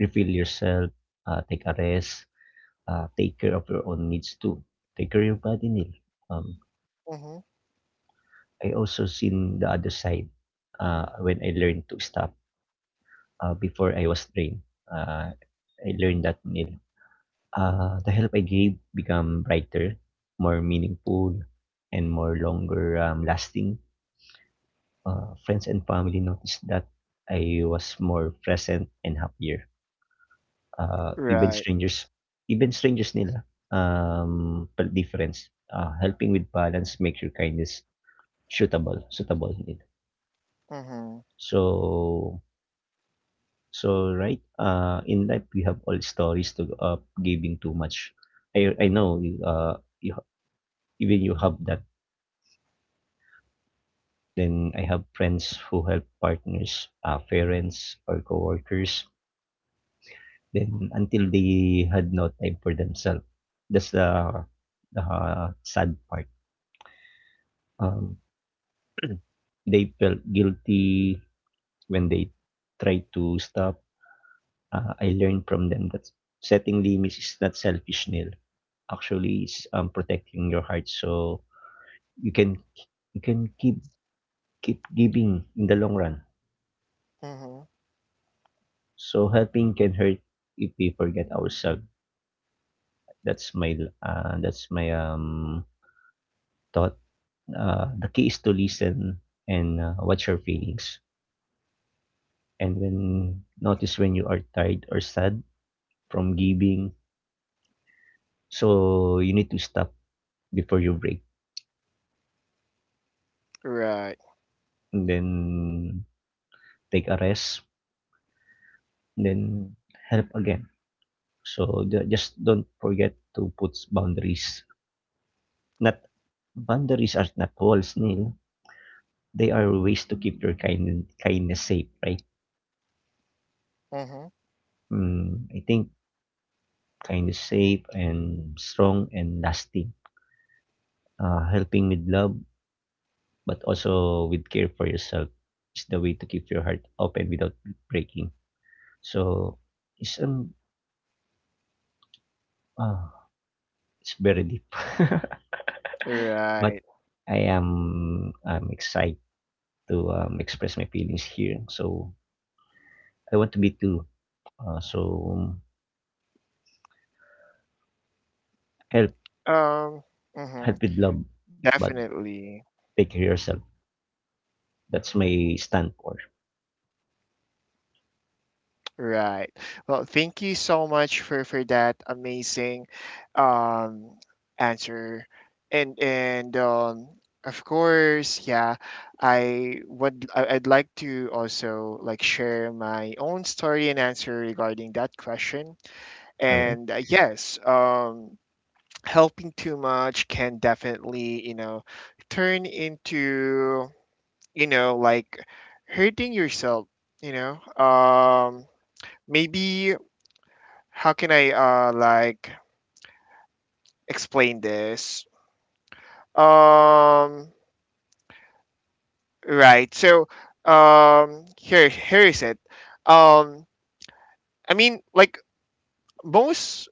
Speaker 2: refill yourself, ah, take a rest, ah, take care of your own needs too. Take care of your body, Neil. Um,
Speaker 1: Mhm.
Speaker 2: I also seen the other side, uh, when I learned to stop, uh, before I was drained. Uh, I learned that, Neil. Uh, the help I gave become brighter, more meaningful, and more longer, um, lasting. Uh, friends and family noticed that I was more present and happier. uh, even
Speaker 1: Right.
Speaker 2: strangers even strangers nila. Um per difference, uh, helping with balance makes your kindness suitable suitable, nila.
Speaker 1: Mhm.
Speaker 2: so so right, uh in life we have all stories to, uh, giving too much. I i know you, uh you, even you have that. Then I have friends who help partners, uh, parents or coworkers, then until they had no time for themselves. That's the the ah, sad part. um They felt guilty when they tried to stop. Uh, I learned from them that setting limits is not selfish, Neil. Actually, it's, um, protecting your heart, so you can you can keep keep giving in the long run.
Speaker 1: Mhm.
Speaker 2: So helping can hurt if we forget ourselves. That's my uh, that's my um thought. Uh, the key is to listen and, uh, watch your feelings, and when notice when you are tired or sad from giving. So, you need to stop before you break,
Speaker 1: Right.
Speaker 2: and then take a rest, and then help again. So, ju- just don't forget to put boundaries. Not Boundaries are not walls, Neil. They are ways to keep your kind, kindness safe, right?
Speaker 1: Mhm.
Speaker 2: Mm, I think kindness safe and strong and lasting. Uh, helping with love, but also with care for yourself is the way to keep your heart open without breaking. So, isang, ah, it's very deep. But
Speaker 1: Right.
Speaker 2: I am I'm excited to, um, express my feelings here. So I want to be too. Uh, so um, help
Speaker 1: Um.
Speaker 2: help
Speaker 1: Mhm.
Speaker 2: with love, but
Speaker 1: Definitely.
Speaker 2: take care of yourself. That's my stand for.
Speaker 1: Right. Well, thank you so much for for that amazing um answer. And and um of course, yeah, I would I- I'd like to also like share my own story and answer regarding that question.
Speaker 2: All right.
Speaker 1: And uh, yes, um helping too much can definitely you know turn into, you know like, hurting yourself, you know um maybe. How can I uh like explain this? um right, so um here here is it. um I mean, like, most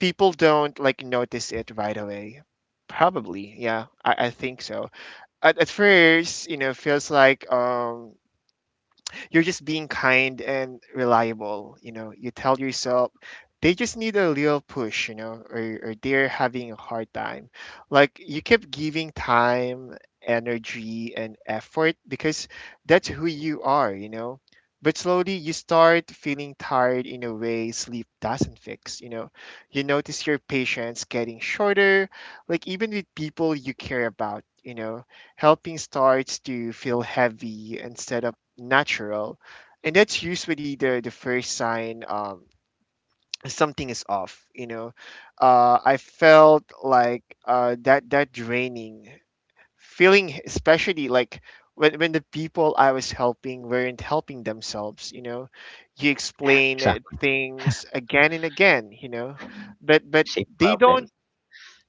Speaker 1: people don't like notice it right away, probably. Yeah, i, I think so. At, at first, you know, feels like um you're just being kind and reliable. You know, you tell yourself they just need a little push, you know, or, or they're having a hard time. Like you keep giving time, energy, and effort because that's who you are, you know. But slowly you start feeling tired in a way sleep doesn't fix, you know. You notice your patience getting shorter, like even with people you care about, you know Helping starts to feel heavy instead of natural, and that's usually the the first sign um something is off you know uh I felt like uh that that draining feeling, especially like when, when the people I was helping weren't helping themselves, you know you explain uh,
Speaker 2: Exactly.
Speaker 1: things again and again, you know but but
Speaker 2: Same
Speaker 1: they
Speaker 2: problem.
Speaker 1: don't.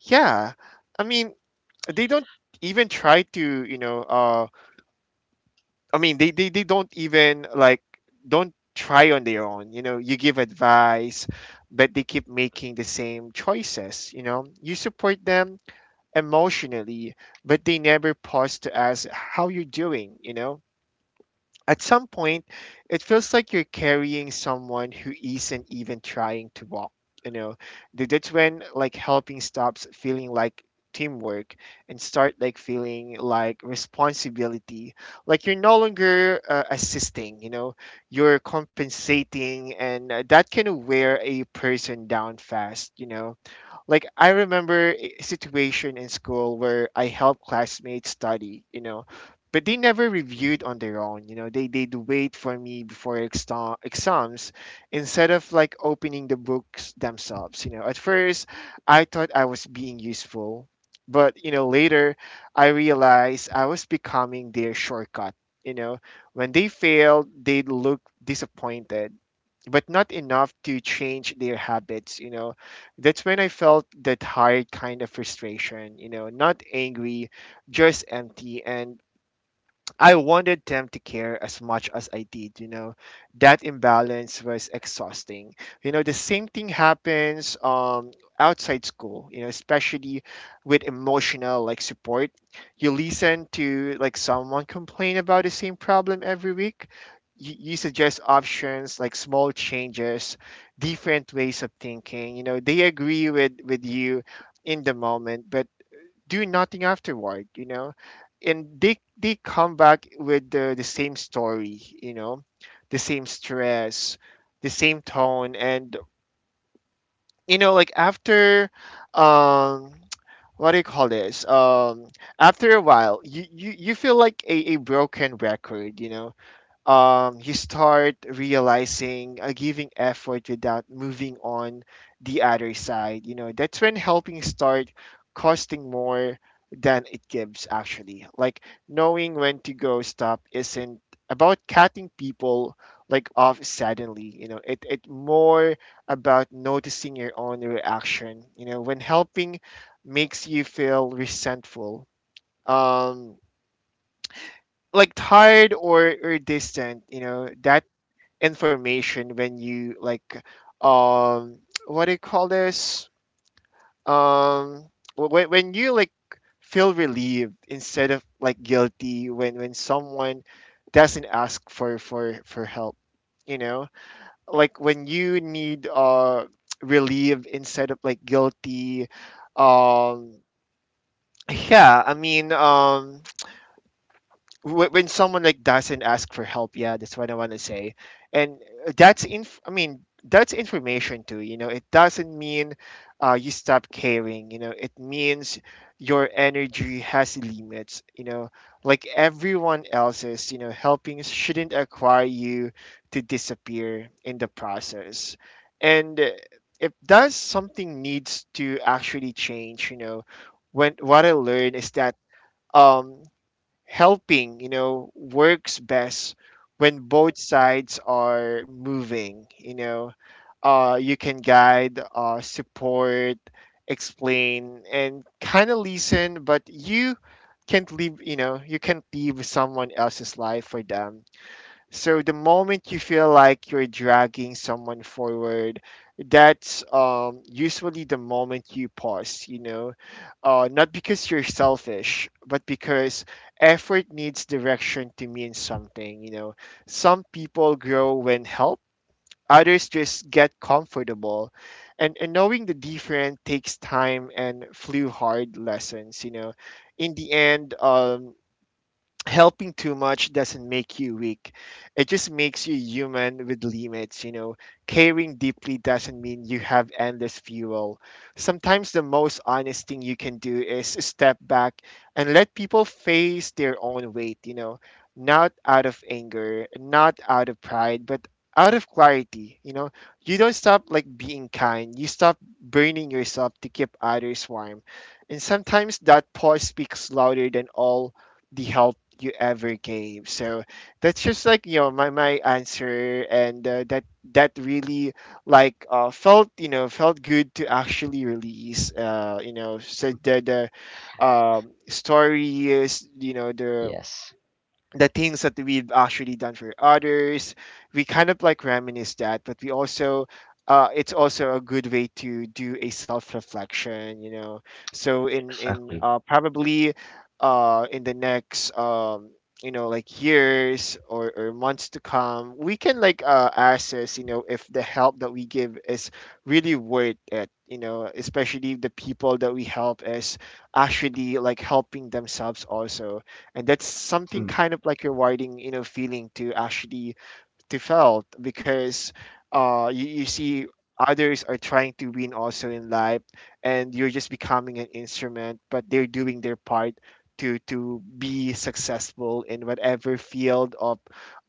Speaker 1: Yeah, I mean, they don't even try to, you know uh I mean, they, they, they don't even like don't try on their own. You know, you give advice, but they keep making the same choices. You know, you support them emotionally, but they never pause to ask how you're doing. You know, at some point it feels like you're carrying someone who isn't even trying to walk. You know, Th- that's when like helping stops feeling like teamwork and start like feeling like responsibility. Like you're no longer uh, assisting, you know, you're compensating, and uh, that can wear a person down fast, you know like I remember a situation in school where I helped classmates study, you know, but they never reviewed on their own. You know, they they'd wait for me before exam exams instead of like opening the books themselves. You know, at first I thought I was being useful, but you know later I realized I was becoming their shortcut. You know, when they failed, they'd look disappointed, but not enough to change their habits you know That's when I felt the tired kind of frustration, you know not angry, just empty. And I wanted them to care as much as I did, you know. That imbalance was exhausting. You know, the same thing happens um outside school, you know, especially with emotional like support. You listen to like someone complain about the same problem every week. You, you suggest options like small changes, different ways of thinking. You know, they agree with with you in the moment, but do nothing afterward you know and they they come back with the, the same story you know the same stress, the same tone. And you know like after um what do you call this, um after a while, you you, you feel like a, a broken record you know um, you start realizing uh, giving effort without moving on the other side. You know, that's when helping start costing more than it gives, actually. Like, knowing when to go stop isn't about cutting people like off suddenly, you know it it more about noticing your own reaction, you know when helping makes you feel resentful, um like tired or or distant, you know that information, when you like um what do you call this, um when, when you like feel relieved instead of like guilty, when when someone doesn't ask for for for help, you know like when you need, uh relieved instead of like guilty, um yeah. I mean, um wh- when someone like doesn't ask for help, yeah, that's what I want to say. And uh, that's inf- I mean, that's information too, you know it doesn't mean uh, you stop caring, you know it means your energy has limits, you know like everyone else's, you know helping shouldn't require you to disappear in the process. And uh, if does something needs to actually change, you know when what I learned is that um helping, you know, works best when both sides are moving, you know. Uh, you can guide, uh, support, explain, and kind of listen, but you can't leave, you know, you can't leave someone else's life for them. So the moment you feel like you're dragging someone forward, that's um, usually the moment you pause, you know, uh, not because you're selfish, but because effort needs direction to mean something, you know. Some people grow when helped, others just get comfortable. And, and knowing the different takes time and few hard lessons, you know. In the end, um, helping too much doesn't make you weak. It just makes you human with limits, you know. Caring deeply doesn't mean you have endless fuel. Sometimes the most honest thing you can do is step back and let people face their own weight, you know. Not out of anger, not out of pride, but out of clarity, you know. You don't stop like being kind. You stop burning yourself to keep others warm. And sometimes that pause speaks louder than all the help you ever gave. So that's just like you know my my answer, and uh, that that really like uh, felt, you know felt good to actually release. Uh, you know, so the the um, stories, you know the
Speaker 2: Yes.
Speaker 1: the things that we've actually done for others. We kind of like reminisce that, but we also, uh, it's also a good way to do a self reflection, you know. So in in
Speaker 2: Exactly.
Speaker 1: uh, probably uh, in the next um, you know like years or, or months to come, we can like uh, assess, you know if the help that we give is really worth it. You know, especially if the people that we help is actually like helping themselves also. And that's something
Speaker 2: Hmm.
Speaker 1: kind of like you're, you know feeling to actually to felt, because uh, you, you see others are trying to win also in life, and you're just becoming an instrument, but they're doing their part to to be successful in whatever field of,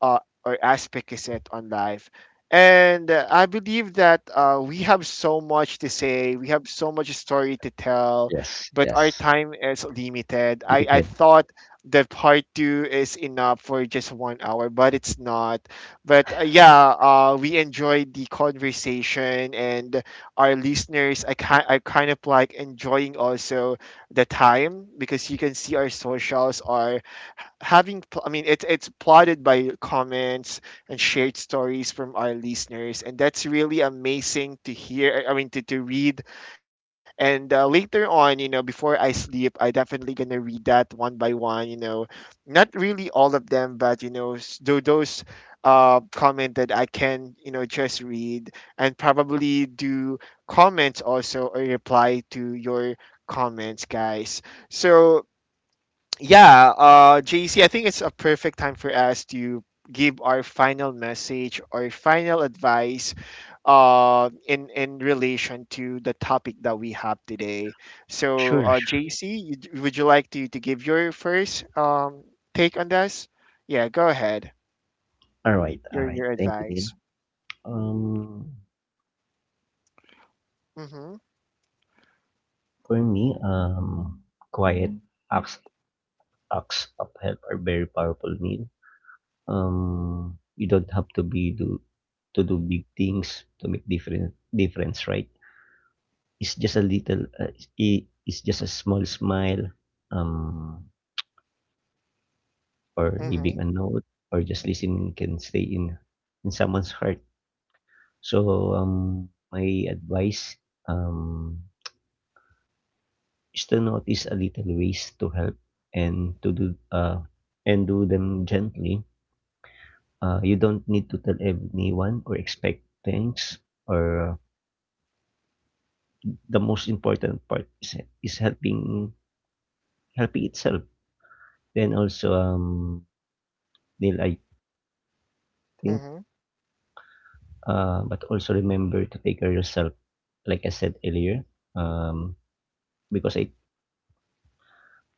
Speaker 1: uh, or aspect is it on life. And uh, I believe that uh, we have so much to say, we have so much story to tell,
Speaker 2: Yes.
Speaker 1: but our
Speaker 2: Yes.
Speaker 1: time is limited.
Speaker 2: Give
Speaker 1: i
Speaker 2: it
Speaker 1: i
Speaker 2: head.
Speaker 1: thought that part two is enough for just one hour, but it's not. But uh, yeah, uh, we enjoyed the conversation and our listeners. I kind I kind of like enjoying also the time because you can see our socials are having pl- I mean it's it's plotted by comments and shared stories from our listeners, and that's really amazing to hear, i mean to, to read and uh, later on, you know, before I sleep, I definitely gonna read that one by one, you know, not really all of them, but you know s- tho- those uh, comment that I can, you know, just read, and probably do comments also, or reply to your comments guys. So yeah, uh, J C, I think it's a perfect time for us to give our final message or final advice uh, in in relation to the topic that we have today. So,
Speaker 2: Sure.
Speaker 1: uh,
Speaker 2: Sure.
Speaker 1: J C, you- would you like to to give your first um, take on this? Yeah, go ahead.
Speaker 2: All right. All
Speaker 1: Your
Speaker 2: right.
Speaker 1: your
Speaker 2: Thank you, Neil.
Speaker 1: advice.
Speaker 2: Um,
Speaker 1: Mm-hmm.
Speaker 2: for me, um, quiet acts acts of help are very powerful, Neil. Um, you don't have to be do to do big things to make different difference, right? It's just a little, uh, i- it's just a small smile, um, or
Speaker 1: Mm-hmm.
Speaker 2: leaving a note, or just listening can stay in in someone's heart. So, um, my advice, um, is to notice a little ways to help and to do uh and do them gently. Uh, you don't need to tell anyone or expect things. Or, uh, the most important part is is helping helping itself. Then also, um, Neil, I think,
Speaker 1: Mm-hmm.
Speaker 2: uh, but also remember to take care of yourself. Like I said earlier, um, because I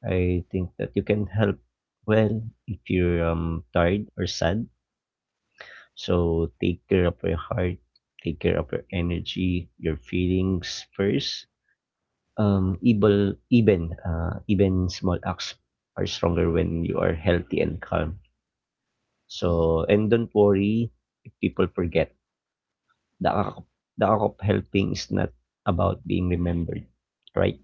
Speaker 2: I think that you can help well if you're um tired or sad. So take care of your heart, take care of your energy, your feelings first, um, evil, even uh, even small acts are stronger when you are healthy and calm. So, and don't worry if people forget. The act, of- the act of helping is not about being remembered, right?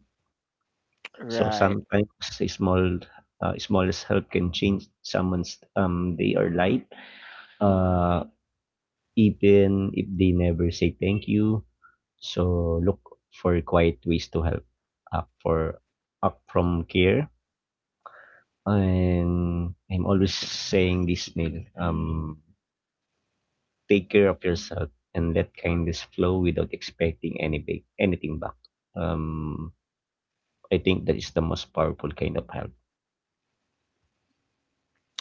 Speaker 2: So
Speaker 1: Right.
Speaker 2: sometimes a small, uh, smallest help can change someone's um day or life. Uh, Even if they never say thank you. So look for quiet ways to help. Up for Up from care. And I'm always saying this, Neil. Um, take care of yourself and let kindness flow without expecting any big, anything back. Um, I think that is the most powerful kind of help,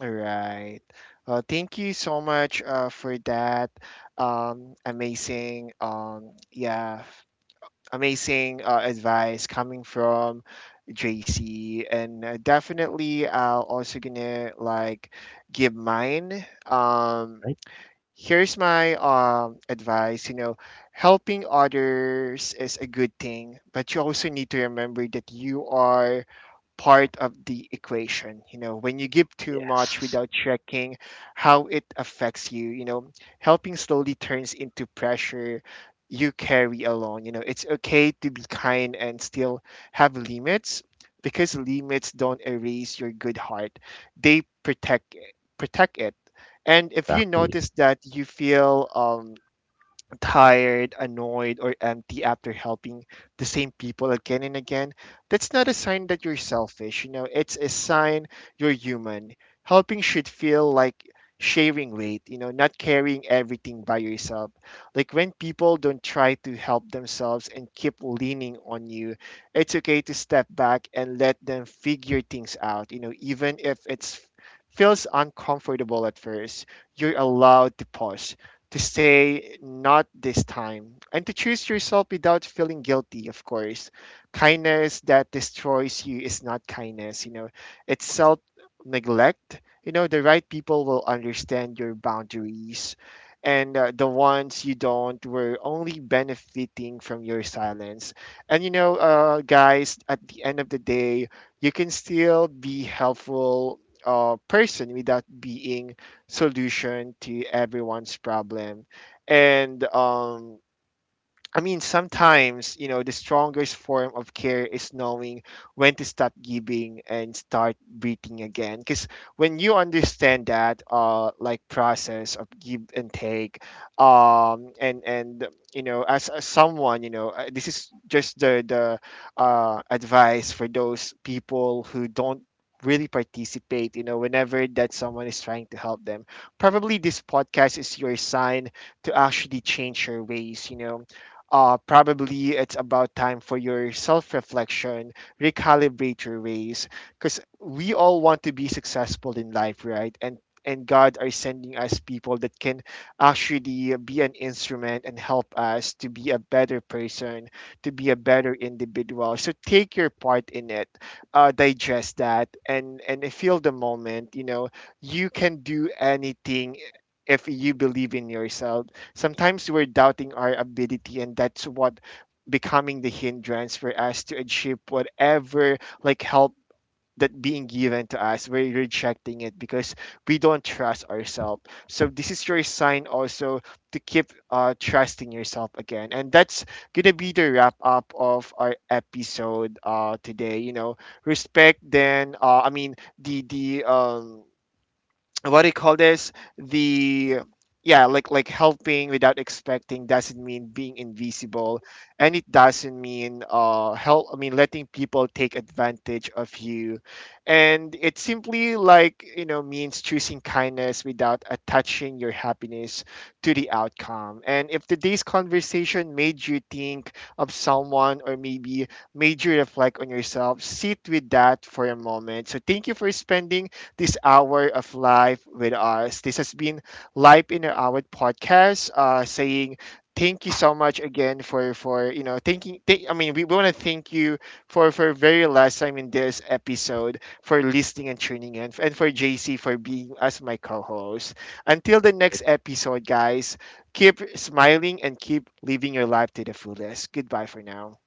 Speaker 1: All right. Uh, thank you so much uh, for that um, amazing, um, yeah, amazing uh, advice coming from J C. And uh, definitely I'll also gonna like give mine. Um,
Speaker 2: right?
Speaker 1: here's my um advice. You know, helping others is a good thing, but you also need to remember that you are part of the equation. You know, when you give too much
Speaker 2: Yes,
Speaker 1: without checking how it affects you, you know, helping slowly turns into pressure you carry alone. You know, it's okay to be kind and still have limits, because limits don't erase your good heart. They protect protect it. And if you
Speaker 2: exactly.
Speaker 1: notice that you feel um tired, annoyed, or empty after helping the same people again and again, that's not a sign that you're selfish. You know, it's a sign you're human. Helping should feel like sharing weight, you know, not carrying everything by yourself. Like when people don't try to help themselves and keep leaning on you, it's okay to step back and let them figure things out, you know, even if it's feels uncomfortable at first. You're allowed to pause, to say not this time, and to choose yourself without feeling guilty. Of course kindness that destroys you is not kindness, you know, it's self neglect. You know, the right people will understand your boundaries, and uh, the ones you don't were only benefiting from your silence. And you know, uh, guys, at the end of the day, you can still be helpful uh, person without being solution to everyone's problem. and um I mean, Sometimes, you know, the strongest form of care is knowing when to stop giving and start breathing again. Because when you understand that, uh, like, process of give and take, um, and and you know, as, as someone, you know, uh, this is just the the uh, advice for those people who don't really participate. You know, whenever that someone is trying to help them, probably this podcast is your sign to actually change your ways. You know, uh, probably it's about time for your self reflection, recalibrate your ways, because we all want to be successful in life, right? And and God are sending us people that can actually be an instrument and help us to be a better person, to be a better individual. So take your part in it, uh, digest that, and and feel the moment. You know, you can do anything if you believe in yourself. Sometimes we're doubting our ability, and that's what becoming the hindrance for us to achieve whatever like help that being given to us. We're rejecting it because we don't trust ourselves. So this is your sign also to keep uh, trusting yourself again. And that's gonna be the wrap up of our episode uh, today. You know, respect. Then uh, I mean the the um what do you call this the yeah, like like helping without expecting doesn't mean being invisible, and it doesn't mean uh help I mean letting people take advantage of you. And it simply, like, you know, means choosing kindness without attaching your happiness to the outcome. And if today's conversation made you think of someone, or maybe made you reflect on yourself, sit with that for a moment. So thank you for spending this hour of life with us. This has been Life in an Hour podcast. Uh, saying thank you so much again for for you know thanking. Th- I mean, we want to thank you for for very last time in this episode for listening and tuning in, and for J C for being as my co-host. Until the
Speaker 2: Ex-
Speaker 1: next episode, guys. Keep smiling and keep living your life to the fullest. Goodbye for now.